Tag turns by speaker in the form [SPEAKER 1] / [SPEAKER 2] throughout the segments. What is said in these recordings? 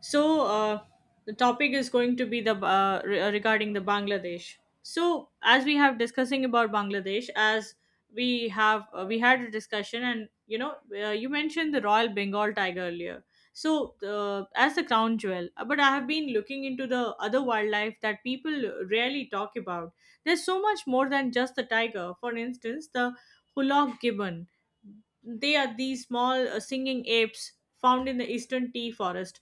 [SPEAKER 1] So uh, the topic is going to be the regarding the Bangladesh. So as we have discussing about Bangladesh, as we have we had a discussion, and you mentioned the Royal Bengal Tiger earlier. So as the crown jewel, but I have been looking into the other wildlife that people rarely talk about. There's so much more than just the tiger. For instance, the Hulock gibbon. They are these small singing apes found in the eastern tea forest.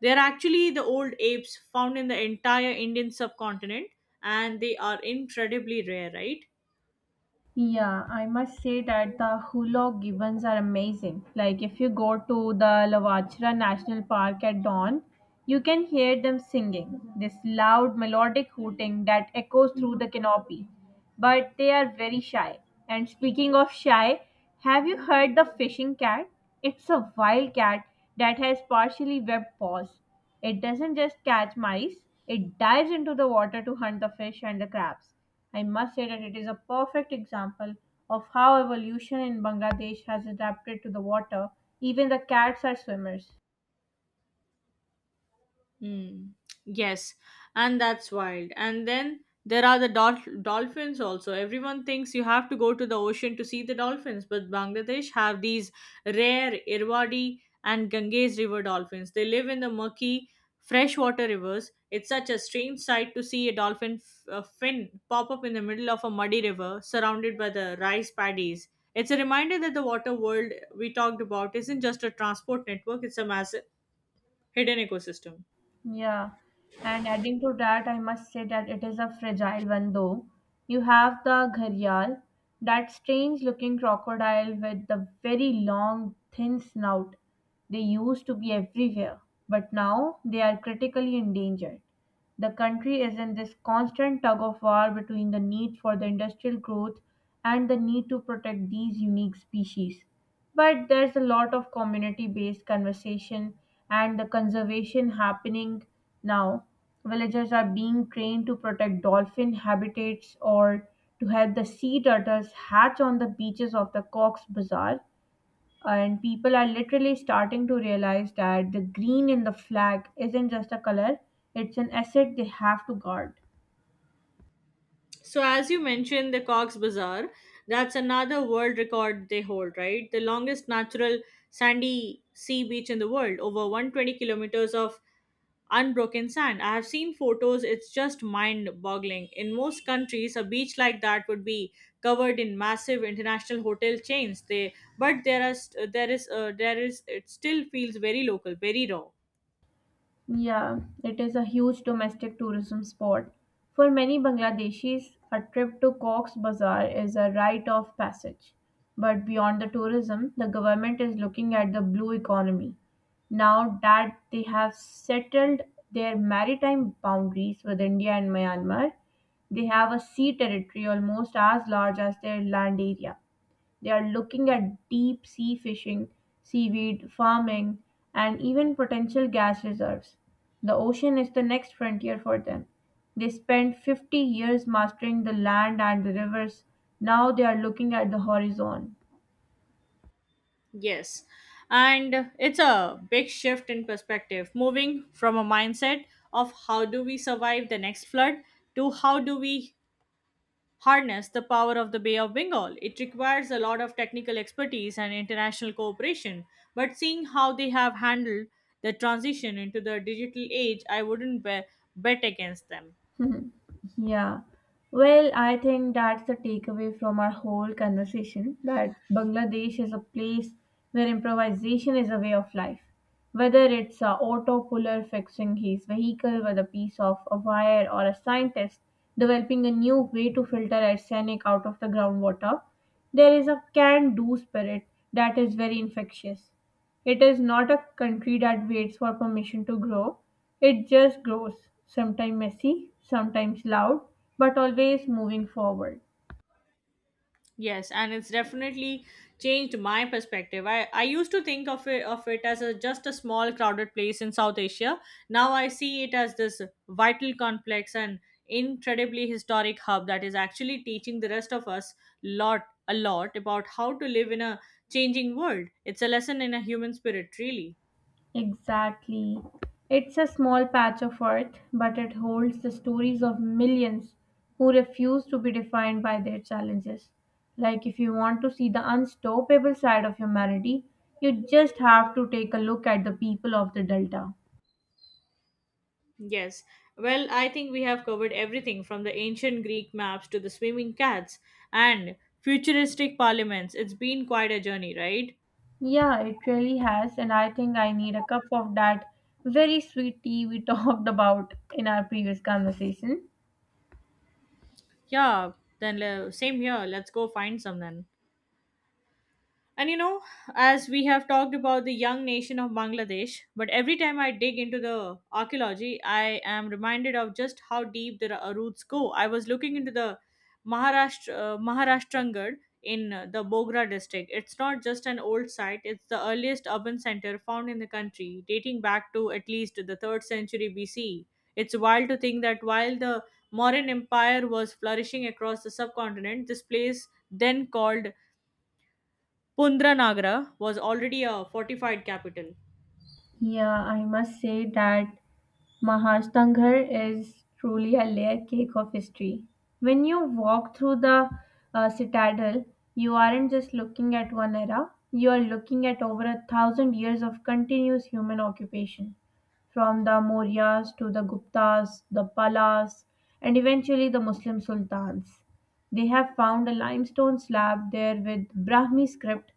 [SPEAKER 1] They are actually the old apes found in the entire Indian subcontinent, and they are incredibly rare, right?
[SPEAKER 2] Yeah, I must say that the hulog gibbons are amazing. Like if you go to the Lavachra National Park at dawn, you can hear them singing this loud melodic hooting that echoes through the canopy. But they are very shy. And speaking of shy, have you heard the fishing cat? It's a wild cat that has partially webbed paws. It doesn't just catch mice, it dives into the water to hunt the fish and the crabs. I must say that it is a perfect example of how evolution in Bangladesh has adapted to the water. Even the cats are swimmers.
[SPEAKER 1] Mm, yes, and that's wild. And then there are the dolphins also. Everyone thinks you have to go to the ocean to see the dolphins, but Bangladesh have these rare Irrawaddy and Ganges river dolphins. They live in the murky freshwater rivers. It's such a strange sight to see a a fin pop up in the middle of a muddy river surrounded by the rice paddies. It's a reminder that the water world we talked about isn't just a transport network, it's a massive hidden ecosystem.
[SPEAKER 2] Yeah, and adding to that, I must say that it is a fragile one though. You have the gharial, that strange looking crocodile with the very long, thin snout. They used to be everywhere, but now they are critically endangered. The country is in this constant tug of war between the need for the industrial growth and the need to protect these unique species. But there's a lot of community based conversation and the conservation happening now. Villagers are being trained to protect dolphin habitats or to help the sea turtles hatch on the beaches of the Cox's Bazar, and people are literally starting to realize that the green in the flag isn't just a color, it's an asset they have to guard.
[SPEAKER 1] So, as you mentioned, the Cox Bazar, that's another world record they hold, right? The longest natural sandy sea beach in the world, over 120 kilometers of unbroken sand. I have seen photos, it's just mind boggling. In most countries, a beach like that would be covered in massive international hotel chains. They, but there, are, st- there is, There is, it still feels very local, very raw.
[SPEAKER 2] Yeah, it is a huge domestic tourism spot. For many Bangladeshis, a trip to Cox's Bazar is a rite of passage. But beyond the tourism, the government is looking at the blue economy. Now that they have settled their maritime boundaries with India and Myanmar, they have a sea territory almost as large as their land area. They are looking at deep sea fishing, seaweed farming, and even potential gas reserves. The ocean is the next frontier for them. They spent 50 years mastering the land and the rivers. Now they are looking at the horizon.
[SPEAKER 1] Yes. And it's a big shift in perspective, moving from a mindset of how do we survive the next flood to how do we harness the power of the Bay of Bengal. It requires a lot of technical expertise and international cooperation. But seeing how they have handled the transition into the digital age, I wouldn't be- bet against them.
[SPEAKER 2] Mhm. Yeah. Well, I think that's the takeaway from our whole conversation that Bangladesh is a place where improvisation is a way of life. Whether it's a auto puller fixing his vehicle with a piece of a wire or a scientist developing a new way to filter arsenic out of the groundwater, there is a can do spirit that is very infectious. It is not a country that waits for permission to grow, it just grows, sometimes messy, sometimes loud, but always moving forward.
[SPEAKER 1] Yes, and it's definitely changed my perspective. I used to think of it as a just a small crowded place in South Asia. Now I see it as this vital complex and incredibly historic hub that is actually teaching the rest of us lot about how to live in a changing world. It's a lesson in a human spirit, really.
[SPEAKER 2] Exactly. It's a small patch of earth, but it holds the stories of millions who refuse to be defined by their challenges. Like, if you want to see the unstoppable side of humanity, you just have to take a look at the people of the Delta.
[SPEAKER 1] Yes. Well, I think we have covered everything from the ancient Greek maps to the swimming cats and futuristic parliaments. It's been quite a journey, right?
[SPEAKER 2] Yeah, it really has, and I think I need a cup of that very sweet tea we talked about in our previous conversation.
[SPEAKER 1] Yeah, same here. Let's go find some then. And you know, as we have talked about the young nation of Bangladesh, but every time I dig into the archaeology, I am reminded of just how deep the roots go. I was looking into the Maharashtra Maharashtrangad in the Bogra district. It's not just an old site; it's the earliest urban center found in the country, dating back to at least the third century BC. It's wild to think that while the Mauryan Empire was flourishing across the subcontinent, this place then called Pundranagra was already a fortified capital.
[SPEAKER 2] Yeah, I must say that Mahashtanghar is truly a layer cake of history. When you walk through the citadel, you aren't just looking at one era, you are looking at over 1,000 years of continuous human occupation. From the Mauryas to the Guptas, the Palas, and eventually the Muslim sultans. They have found a limestone slab there with Brahmi script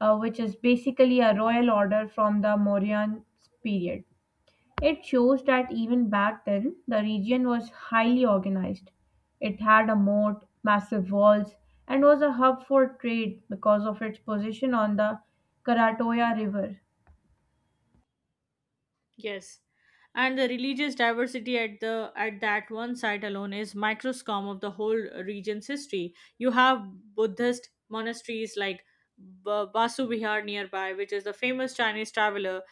[SPEAKER 2] which is basically a royal order from the Mauryan period. It shows that even back then, the region was highly organized. It had a moat, massive walls, and was a hub for trade because of its position on the Karatoya River.
[SPEAKER 1] Yes. And the religious diversity at the at that one site alone is microscope of the whole region's history. You have Buddhist monasteries like Basu Vihar nearby, which is the famous Chinese traveler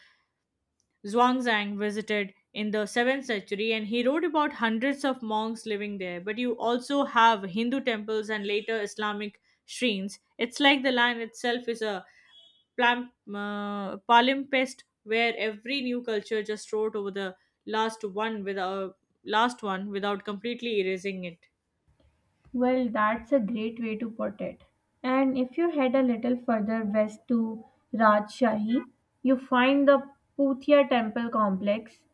[SPEAKER 1] Zhuangzang visited in the 7th century, and he wrote about hundreds of monks living there. But you also have Hindu temples and later Islamic shrines. It's like the land itself is a Palimpsest, where every new culture just wrote over the last one without last one without completely erasing it.
[SPEAKER 2] Well, that's a great way to put it. And if you head a little further west to Rajshahi, you find the Puthia Temple complex,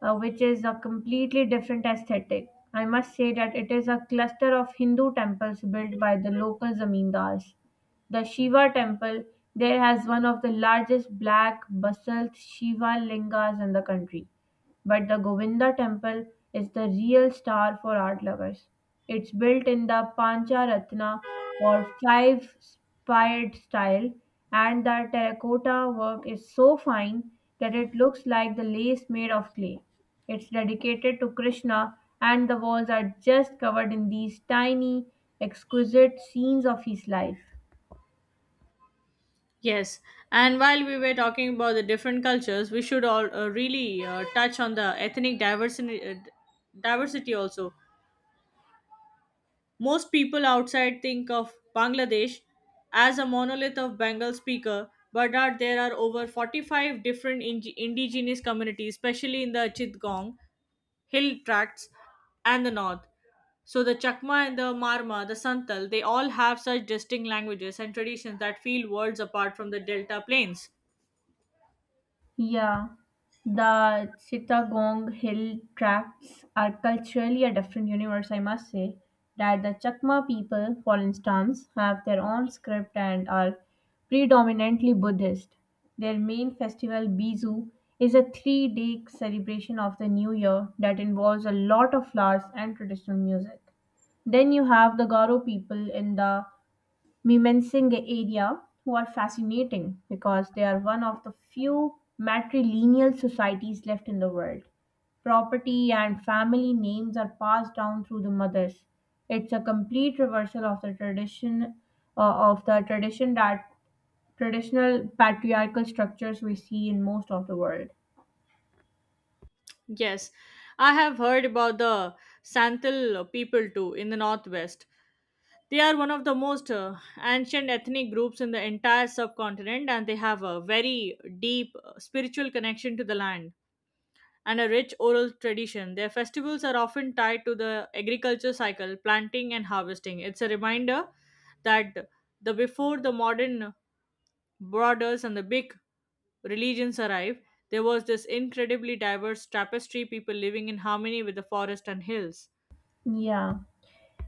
[SPEAKER 2] which is a completely different aesthetic. I must say that it is a cluster of Hindu temples built by the local zamindars. The Shiva temple there has one of the largest black basalt Shiva lingas in the country. But the Govinda temple is the real star for art lovers. It's built in the Pancha Ratna or five spired style, and the terracotta work is so fine that it looks like the lace made of clay. It's dedicated to Krishna, and the walls are just covered in these tiny, exquisite scenes of his life.
[SPEAKER 1] Yes, and while we were talking about the different cultures, we should all really touch on the ethnic diversity diversity also. Most people outside think of Bangladesh as a monolith of Bengal speaker, but there are over 45 different indigenous communities, especially in the Chittagong hill tracts and the north. So the Chakma and the Marma, the Santal, they all have such distinct languages and traditions that feel worlds apart from the delta plains.
[SPEAKER 2] Yeah, the Chittagong Hill Tracts are culturally a different universe, I must say. That the Chakma people, for instance, have their own script and are predominantly Buddhist. Their main festival, Bizu, is a 3 day celebration of the new year that involves a lot of flowers and traditional music. Then you have the Garo people in the Mymensinghe area who are fascinating because they are one of the few matrilineal societies left in the world. Property and family names are passed down through the mothers. It's a complete reversal of the uh, of the tradition that traditional patriarchal structures we see in most of the world.
[SPEAKER 1] Yes, I have heard about the Santal people too in the northwest. They are one of the most ancient ethnic groups in the entire subcontinent, and they have a very deep spiritual connection to the land and a rich oral tradition. Their festivals are often tied to the agriculture cycle, planting and harvesting. It's a reminder that the before the modern borders and the big religions arrived, there was this incredibly diverse tapestry people living in harmony with the forest and hills.
[SPEAKER 2] Yeah,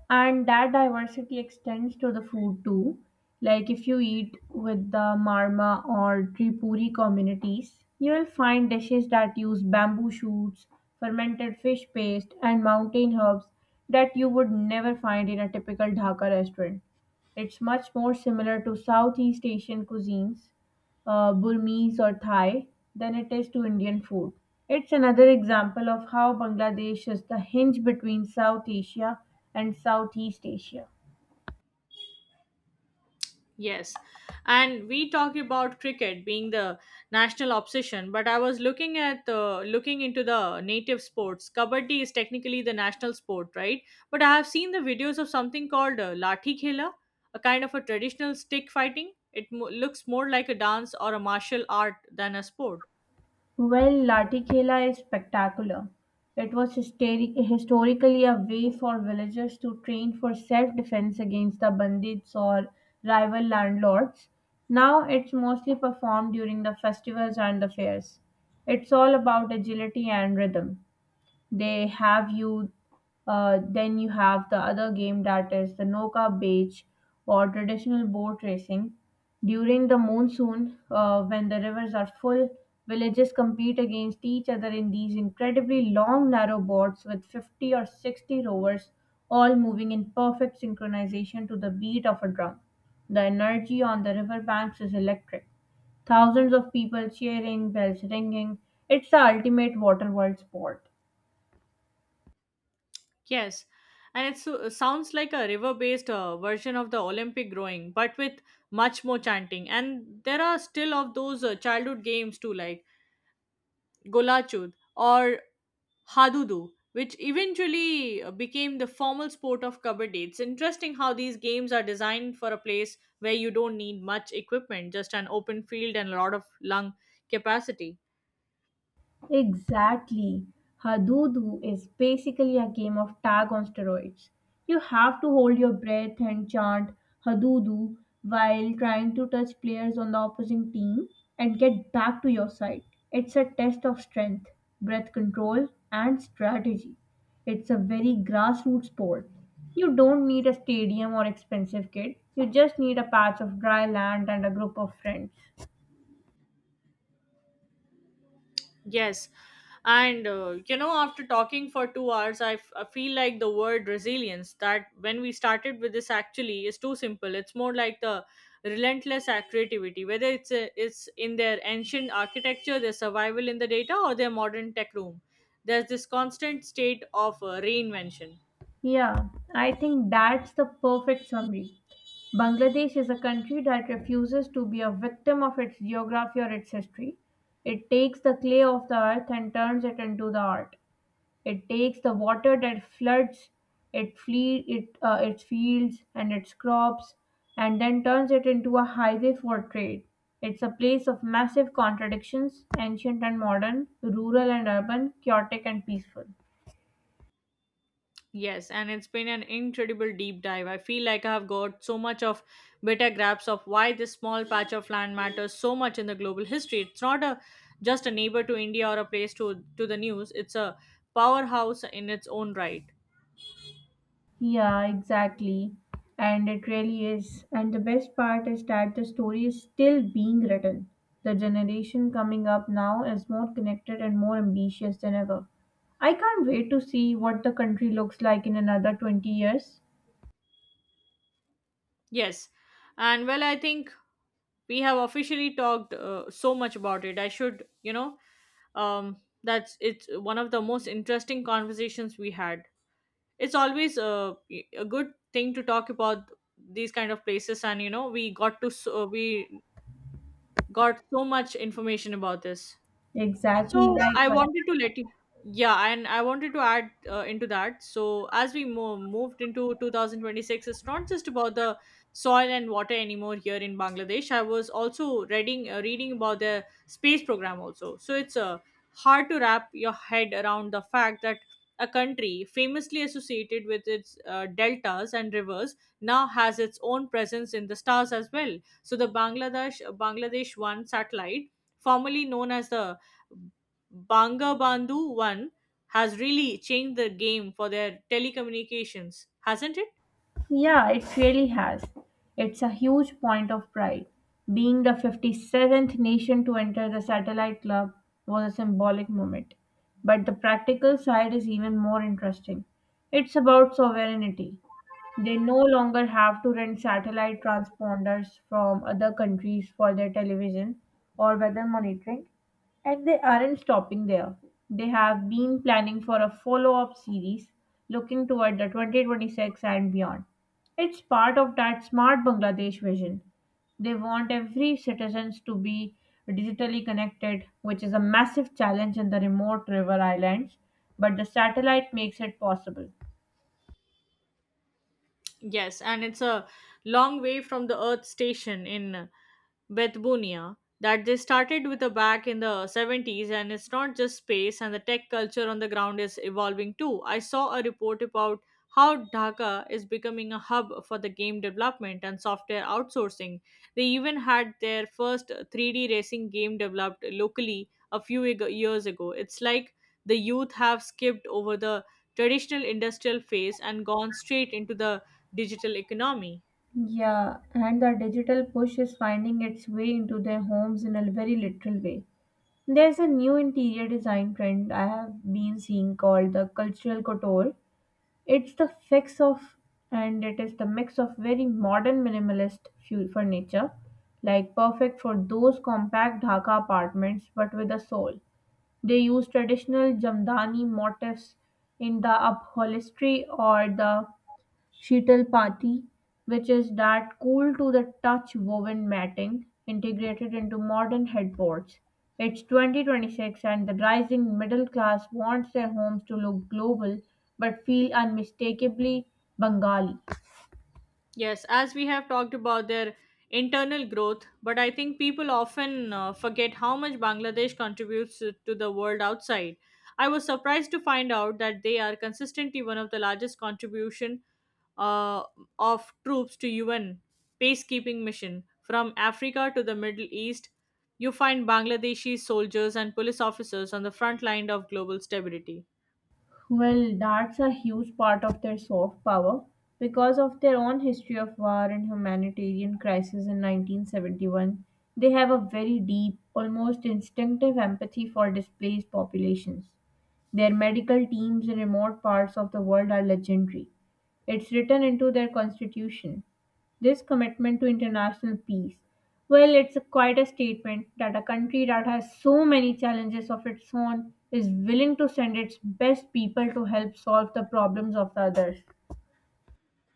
[SPEAKER 2] and that diversity extends to the food too. Like if you eat with the marma or tripuri communities, you will find dishes that use bamboo shoots, fermented fish paste, and mountain herbs that you would never find in a typical Dhaka restaurant. It's much more similar to southeast asian cuisines, Burmese or Thai, than it is to Indian food. It's another example of how Bangladesh is the hinge between South Asia and Southeast Asia.
[SPEAKER 1] Yes. And we talk about cricket being the national obsession, but I was looking at looking into the native sports. Kabaddi is technically the national sport, right? But I have seen the videos of something called Lathi Khela, a kind of a traditional stick fighting. It looks more like a dance or a martial art than a sport.
[SPEAKER 2] Well, Lati Khela is spectacular. It was historically a way for villagers to train for self defense against the bandits or rival landlords. Now it's mostly performed during the festivals and the fairs. It's all about agility and rhythm. They have you Then you have the other game that is the noka beach or traditional boat racing during the monsoon, when the rivers are full. Villages compete against each other in these incredibly long narrow boats with 50 or 60 rowers, all moving in perfect synchronization to the beat of a drum. The energy on the riverbanks is electric, thousands of people cheering, bells ringing. It's the ultimate water world sport.
[SPEAKER 1] Yes. And it sounds like a river based version of the Olympic rowing, but with much more chanting. And there are still of those childhood games too, like Golachud, or Hadudu, which eventually became the formal sport of Kabaddi. It's interesting how these games are designed for a place where you don't need much equipment, just an open field and a lot of lung capacity.
[SPEAKER 2] Exactly. Hadudu is basically a game of tag on steroids. You have to hold your breath and chant Hadudu while trying to touch players on the opposing team and get back to your side. It's a test of strength, breath control, and strategy. It's a very grassroots sport. You don't need a stadium or expensive kit. You just need a patch of dry land and a group of friends.
[SPEAKER 1] Yes. After talking for 2 hours, I feel like the word resilience that when we started with this actually is too simple. It's more like the relentless creativity, whether it's in their ancient architecture, their survival in the data, or their modern tech room. There's this constant state of reinvention.
[SPEAKER 2] Yeah, I think that's the perfect summary. Bangladesh is a country that refuses to be a victim of its geography or its history. It takes the clay of the earth and turns it into the art. It takes the water that floods its fields and its crops and then turns it into a highway for trade. It's a place of massive contradictions, ancient and modern, rural and urban, chaotic and peaceful.
[SPEAKER 1] Yes, and it's been an incredible deep dive. I feel like I have got so much of better grasp of why this small patch of land matters so much in the global history. It's not a just a neighbor to India or a place to the news. It's a powerhouse in its own right.
[SPEAKER 2] Yeah, exactly. And it really is. And the best part is that the story is still being written. The generation coming up now is more connected and more ambitious than ever. I can't wait to see what the country looks like in another 20 years.
[SPEAKER 1] Yes, and well, I think we have officially talked so much about it. I should, um, that's it's one of the most interesting conversations we had. It's always a good thing to talk about these kind of places, and you know we got to we got so much information about this.
[SPEAKER 2] Exactly,
[SPEAKER 1] So I
[SPEAKER 2] likewise.
[SPEAKER 1] wanted to let yeah, and I wanted to add into that. So as we moved into 2026, it's not just about the soil and water anymore here in Bangladesh. I was also reading reading about the space program also. So it's hard to wrap your head around the fact that a country famously associated with its deltas and rivers now has its own presence in the stars as well. So the Bangladesh One satellite, formerly known as the Bangabandhu 1, has really changed the game for their telecommunications, hasn't it?
[SPEAKER 2] Yeah, it really has. It's a huge point of pride. Being the 57th nation to enter the satellite club was a symbolic moment. But the practical side is even more interesting. It's about sovereignty. They no longer have to rent satellite transponders from other countries for their television or weather monitoring, and they aren't stopping there. They have been planning for a follow up series looking toward the 2026 and beyond. It's part of that smart Bangladesh vision. They want every citizens to be digitally connected, which is a massive challenge in the remote river islands, but the satellite makes it possible.
[SPEAKER 1] Yes, and it's a long way from the Earth station in Bethunia that they started with a back in the 70s, and it's not just space, and the tech culture on the ground is evolving too. I saw a report about how Dhaka is becoming a hub for the game development and software outsourcing. They even had their first 3D racing game developed locally a few years ago. It's like the youth have skipped over the traditional industrial phase and gone straight into the digital economy.
[SPEAKER 2] Yeah, and the digital push is finding its way into their homes in a very literal way. There's a new interior design trend I have been seeing called the cultural couture. It's the fix of it is the mix of very modern minimalist furniture, like perfect for those compact Dhaka apartments but with a soul. They use traditional Jamdani motifs in the upholstery or the Sheetal Patti, which is that cool-to-the-touch woven matting integrated into modern headboards. It's 2026 and the rising middle class wants their homes to look global but feel unmistakably Bengali.
[SPEAKER 1] Yes, as we have talked about their internal growth, but I think people often forget how much Bangladesh contributes to the world outside. I was surprised to find out that they are consistently one of the largest contribution uh, of troops to UN peacekeeping mission from Africa to the Middle East. You find Bangladeshi soldiers and police officers on the front line of global stability.
[SPEAKER 2] Well, that's a huge part of their soft power. Because of their own history of war and humanitarian crisis in 1971, they have a very deep, almost instinctive empathy for displaced populations. Their medical teams in remote parts of the world are legendary. It's written into their constitution. This commitment to international peace. Well, it's quite a statement that a country that has so many challenges of its own is willing to send its best people to help solve the problems of the others.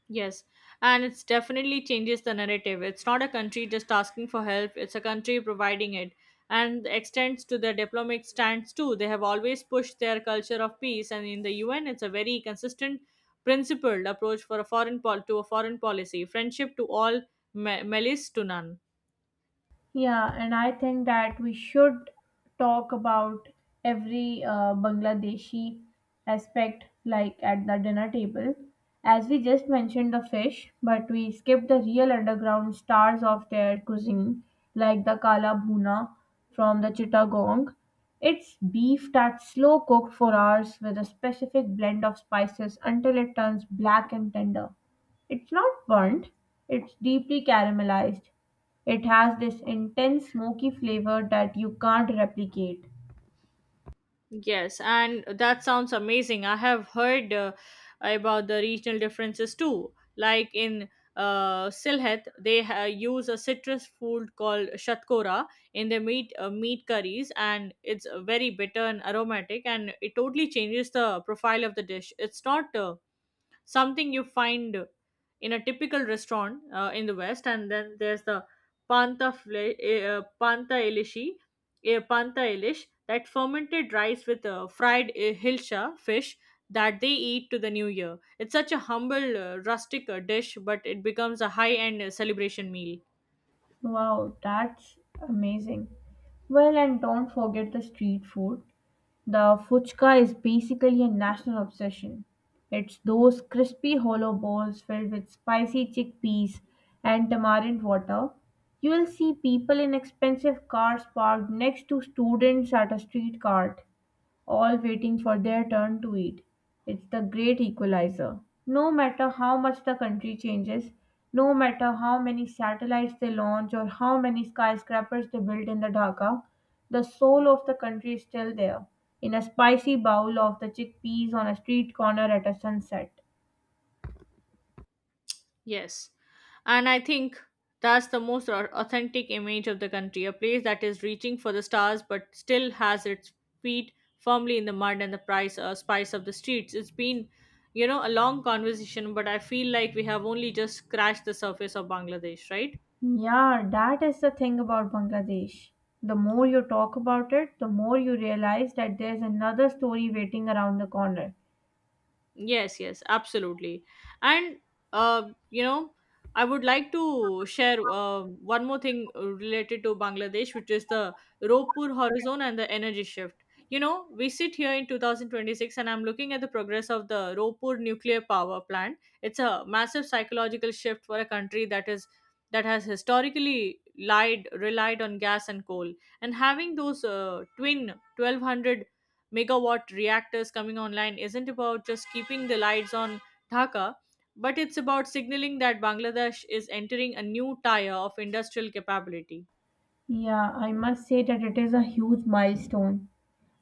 [SPEAKER 1] Yes, and it's definitely changes the narrative. It's not a country just asking for help, it's a country providing it. And extends to their diplomatic stance too. They have always pushed their culture of peace, and in the UN, it's a very consistent, principled approach for a foreign policy, friendship to all, malice to none.
[SPEAKER 2] Yeah, and I think that we should talk about every Bangladeshi aspect, like at the dinner table. As we just mentioned the fish, but we skipped the real underground stars of their cuisine, like the Kala Bhuna from the Chittagong. It's beef that's slow cooked for hours with a specific blend of spices until it turns black and tender. It's not burnt, it's deeply caramelized. It has this intense smoky flavor that you can't replicate.
[SPEAKER 1] Yes, and that sounds amazing. I have heard about the regional differences too. Like in Silhet, they use a citrus food called shatkora in their meat curries, and it's very bitter and aromatic, and it totally changes the profile of the dish. It's not something you find in a typical restaurant in the west. And then there's the panta fle- eh, panta elishi panta elish, that fermented rice with fried hilsha fish that they eat to the new year. It's such a humble rustic dish, but it becomes a high end celebration meal.
[SPEAKER 2] Wow, that's amazing. Well, and don't forget the street food. The fuchka is basically a national obsession. It's those crispy hollow bowls filled with spicy chickpeas and tamarind water. You will see people in expensive cars parked next to students at a street cart, all waiting for their turn to eat. It's the great equalizer. No matter how much the country changes, no matter how many satellites they launch or how many skyscrapers they build in the Dhaka, the soul of the country is still there, in a spicy bowl of the chickpeas on a street corner at a sunset.
[SPEAKER 1] Yes. And I think that's the most authentic image of the country, a place that is reaching for the stars but still has its feet firmly in the mud and the spice of the streets. It's been a long conversation, but I feel like we have only just scratched the surface of Bangladesh, right?
[SPEAKER 2] Yeah, that is the thing about Bangladesh. The more you talk about it, the more you realize that there's another story waiting around the corner.
[SPEAKER 1] Yes, yes, absolutely. And uh, you know, I would like to share one more thing related to Bangladesh, which is the Ropur horizon and the energy shift. You know, we sit here in 2026 and I'm looking at the progress of the Ropur nuclear power plant. It's a massive psychological shift for a country that has historically lied relied on gas and coal, and having those twin 1200 megawatt reactors coming online isn't about just keeping the lights on Dhaka, but it's about signaling that Bangladesh is entering a new tier of industrial capability.
[SPEAKER 2] Yeah, I must say that it is a huge milestone.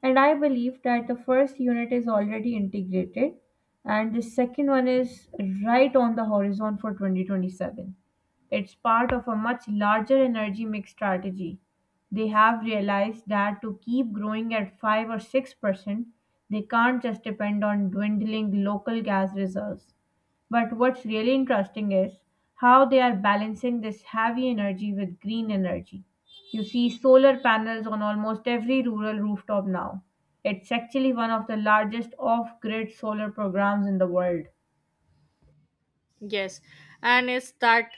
[SPEAKER 2] And I believe that the first unit is already integrated and the second one is right on the horizon for 2027. It's part of a much larger energy mix strategy. They have realized that to keep growing at 5 or 6%, they can't just depend on dwindling local gas reserves. But what's really interesting is how they are balancing this heavy energy with green energy. You see solar panels on almost every rural rooftop now. It's actually one of the largest off grid solar programs in the world.
[SPEAKER 1] Yes, and it's that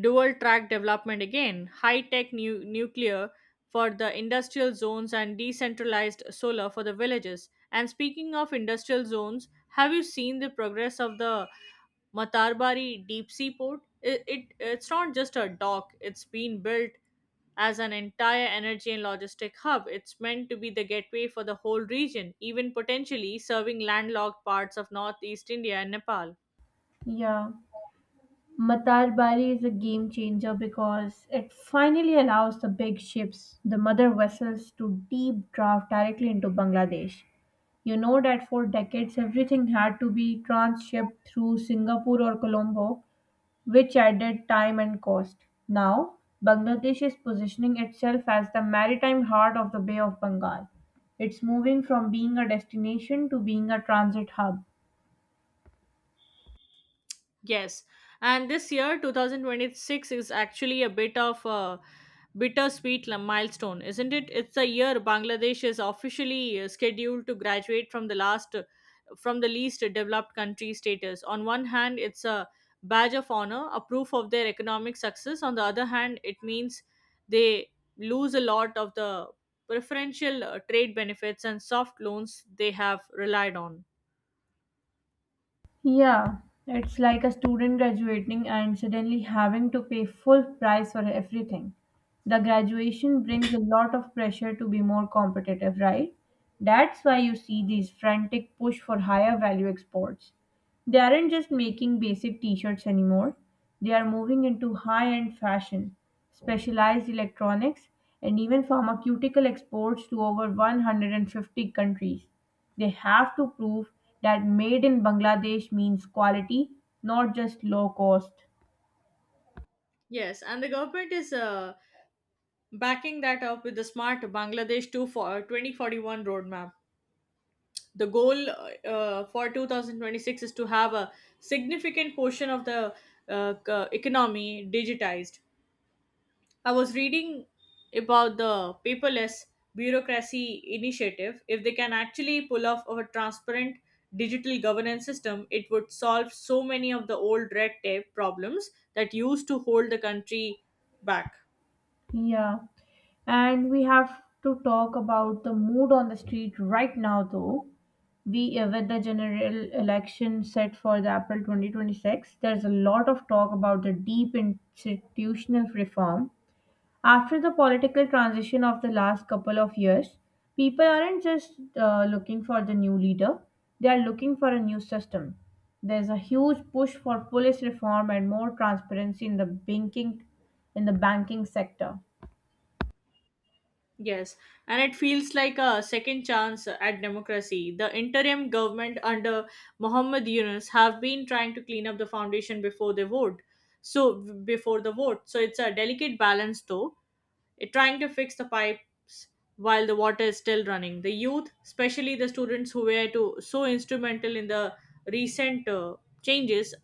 [SPEAKER 1] dual track development again, high tech nuclear for the industrial zones and decentralized solar for the villages. And speaking of industrial zones, have you seen the progress of the Matarbari deep sea port? It's not just a dock, it's been built as an entire energy and logistic hub. It's meant to be the gateway for the whole region, even potentially serving landlocked parts of northeast India and Nepal.
[SPEAKER 2] Yeah, Matar Bari is a game changer because it finally allows the big ships, the mother vessels, to deep draft directly into Bangladesh. You know that for decades everything had to be transshipped through Singapore or Colombo, which added time and cost. Now, Bangladesh is positioning itself as the maritime heart of the Bay of Bengal. It's moving from being a destination to being a transit hub.
[SPEAKER 1] Yes, and this year 2026 is actually a bit of a bittersweet milestone, isn't it? It's the year Bangladesh is officially scheduled to graduate from the least developed country status. On one hand, it's a badge of honor, a proof of their economic success. On the other hand, it means they lose a lot of the preferential trade benefits and soft loans they have relied on.
[SPEAKER 2] Yeah, it's like a student graduating and suddenly having to pay full price for everything. The graduation brings a lot of pressure to be more competitive, right? That's why you see these frantic push for higher value exports. They aren't just making basic t-shirts anymore. They are moving into high-end fashion, specialized electronics, and even pharmaceutical exports to over 150 countries. They have to prove that made in Bangladesh means quality, not just low cost.
[SPEAKER 1] Yes, and the government is backing that up with the smart Bangladesh 2 for 2041 roadmap. The goal for 2026 is to have a significant portion of the economy digitized. I was reading about the paperless bureaucracy initiative. If they can actually pull off a transparent digital governance system, it would solve so many of the old red tape problems that used to hold the country back.
[SPEAKER 2] Yeah. And we have to talk about the mood on the street right now, though. We with the general election set for the April 2026, there's a lot of talk about the deep institutional reform. After the political transition of the last couple of years, people aren't just looking for the new leader, they are looking for a new system. There's a huge push for police reform and more transparency in the banking sector.
[SPEAKER 1] Yes, and it feels like a second chance at democracy. The interim government under Muhammad Yunus have been trying to clean up the foundation before the vote. So before the vote, so it's a delicate balance though. It trying to fix the pipes while the water is still running. The youth, especially the students who were to so instrumental in the recent changes,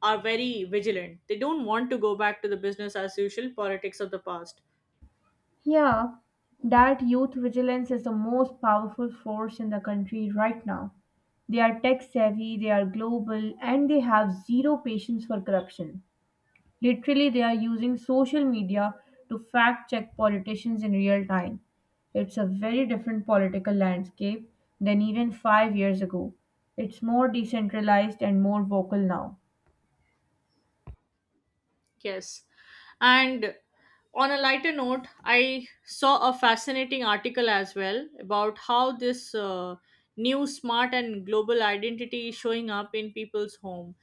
[SPEAKER 1] are very vigilant. They don't want to go back to the business as usual politics of the past.
[SPEAKER 2] Yeah, that youth vigilance is the most powerful force in the country right now. They are tech savvy, they are global, and they have zero patience for corruption. Literally, they are using social media to fact check politicians in real time. It's a very different political landscape than even five years ago. It's more decentralized and more vocal now.
[SPEAKER 1] Yes. And on a lighter note, I saw a fascinating article as well about how this new smart and global identity is showing up in people's home.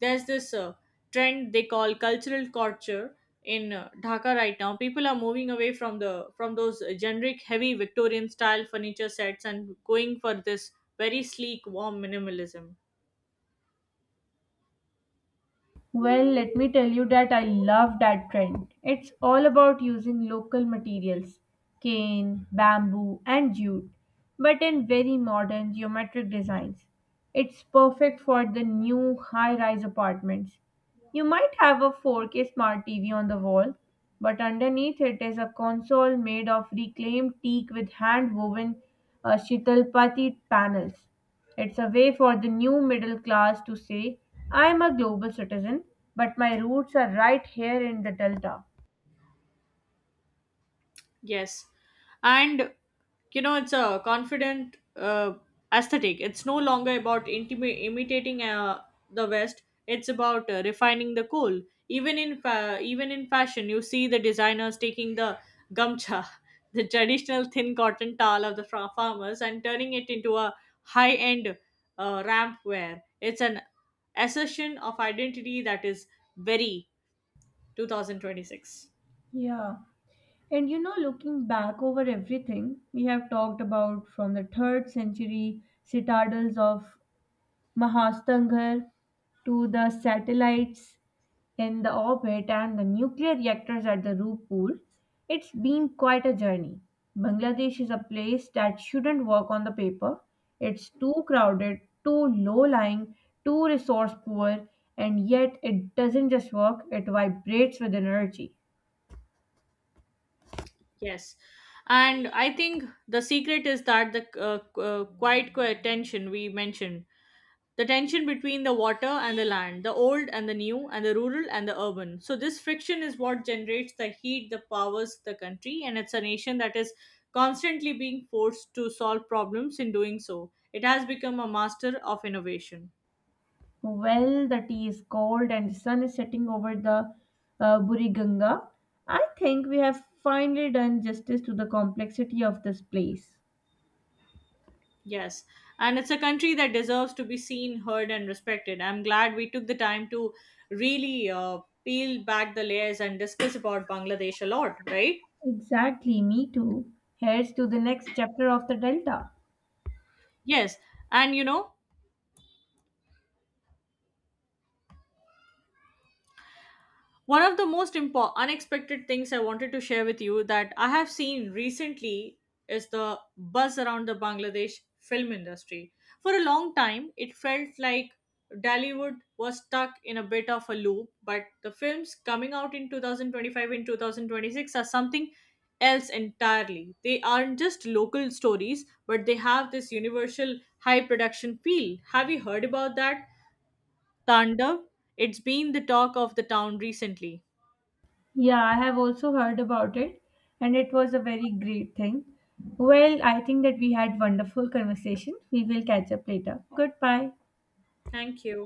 [SPEAKER 1] There's this trend they call cultural culture in Dhaka right now. People are moving away from the from those generic heavy Victorian style furniture sets and going for this very sleek, warm minimalism.
[SPEAKER 2] Well, let me tell you that I love that trend. It's all about using local materials cane, bamboo, and jute, but in very modern geometric designs. It's perfect for the new high rise apartments. You might have a 4K smart TV on the wall, but underneath it is a console made of reclaimed teak with hand woven shitalpati panels. It's a way for the new middle class to say, I'm a global citizen, but my roots are right here in the Delta.
[SPEAKER 1] Yes. And you know, it's a confident aesthetic. It's no longer about imitating the West. It's about refining the cool. Even in fashion, you see the designers taking the gamcha, the traditional thin cotton towel of the farmers, and turning it into a high-end ramp wear. It's an assertion of identity that is very 2026.
[SPEAKER 2] Yeah. And you know, looking back over everything we have talked about from the 3rd century citadels of Mahastanghar to the satellites in the orbit and the nuclear reactors at the Roop pool, it's been quite a journey. Bangladesh is a place that shouldn't work on the paper. It's too crowded, too low lying, too resource poor, and yet it doesn't just work, it vibrates with energy.
[SPEAKER 1] Yes. And I think the secret is that the quiet tension we mentioned, the tension between the water and the land, the old and the new, and the rural and the urban. So, this friction is what generates the heat that powers the country, and it's a nation that is constantly being forced to solve problems, in doing so it has become a master of innovation.
[SPEAKER 2] Well, the tea is cold and the sun is setting over the Buriganga. I think we have finally done justice to the complexity of this place.
[SPEAKER 1] Yes, and it's a country that deserves to be seen, heard, and respected. I'm glad we took the time to really peel back the layers and discuss about Bangladesh a lot, right?
[SPEAKER 2] Exactly, me too. Here's to the next chapter of the Delta.
[SPEAKER 1] Yes, and you know, one of the most unexpected things I wanted to share with you that I have seen recently is the buzz around the Bangladesh film industry. For a long time, it felt like Dollywood was stuck in a bit of a loop, but the films coming out in 2025 and 2026 are something else entirely. They aren't just local stories, but they have this universal high production feel. Have you heard about that Tandav? It's been the talk of the town recently.
[SPEAKER 2] Yeah, I have also heard about it, and it was a very great thing. Well, I think that we had wonderful conversation. We will catch up later. Goodbye.
[SPEAKER 1] Thank you.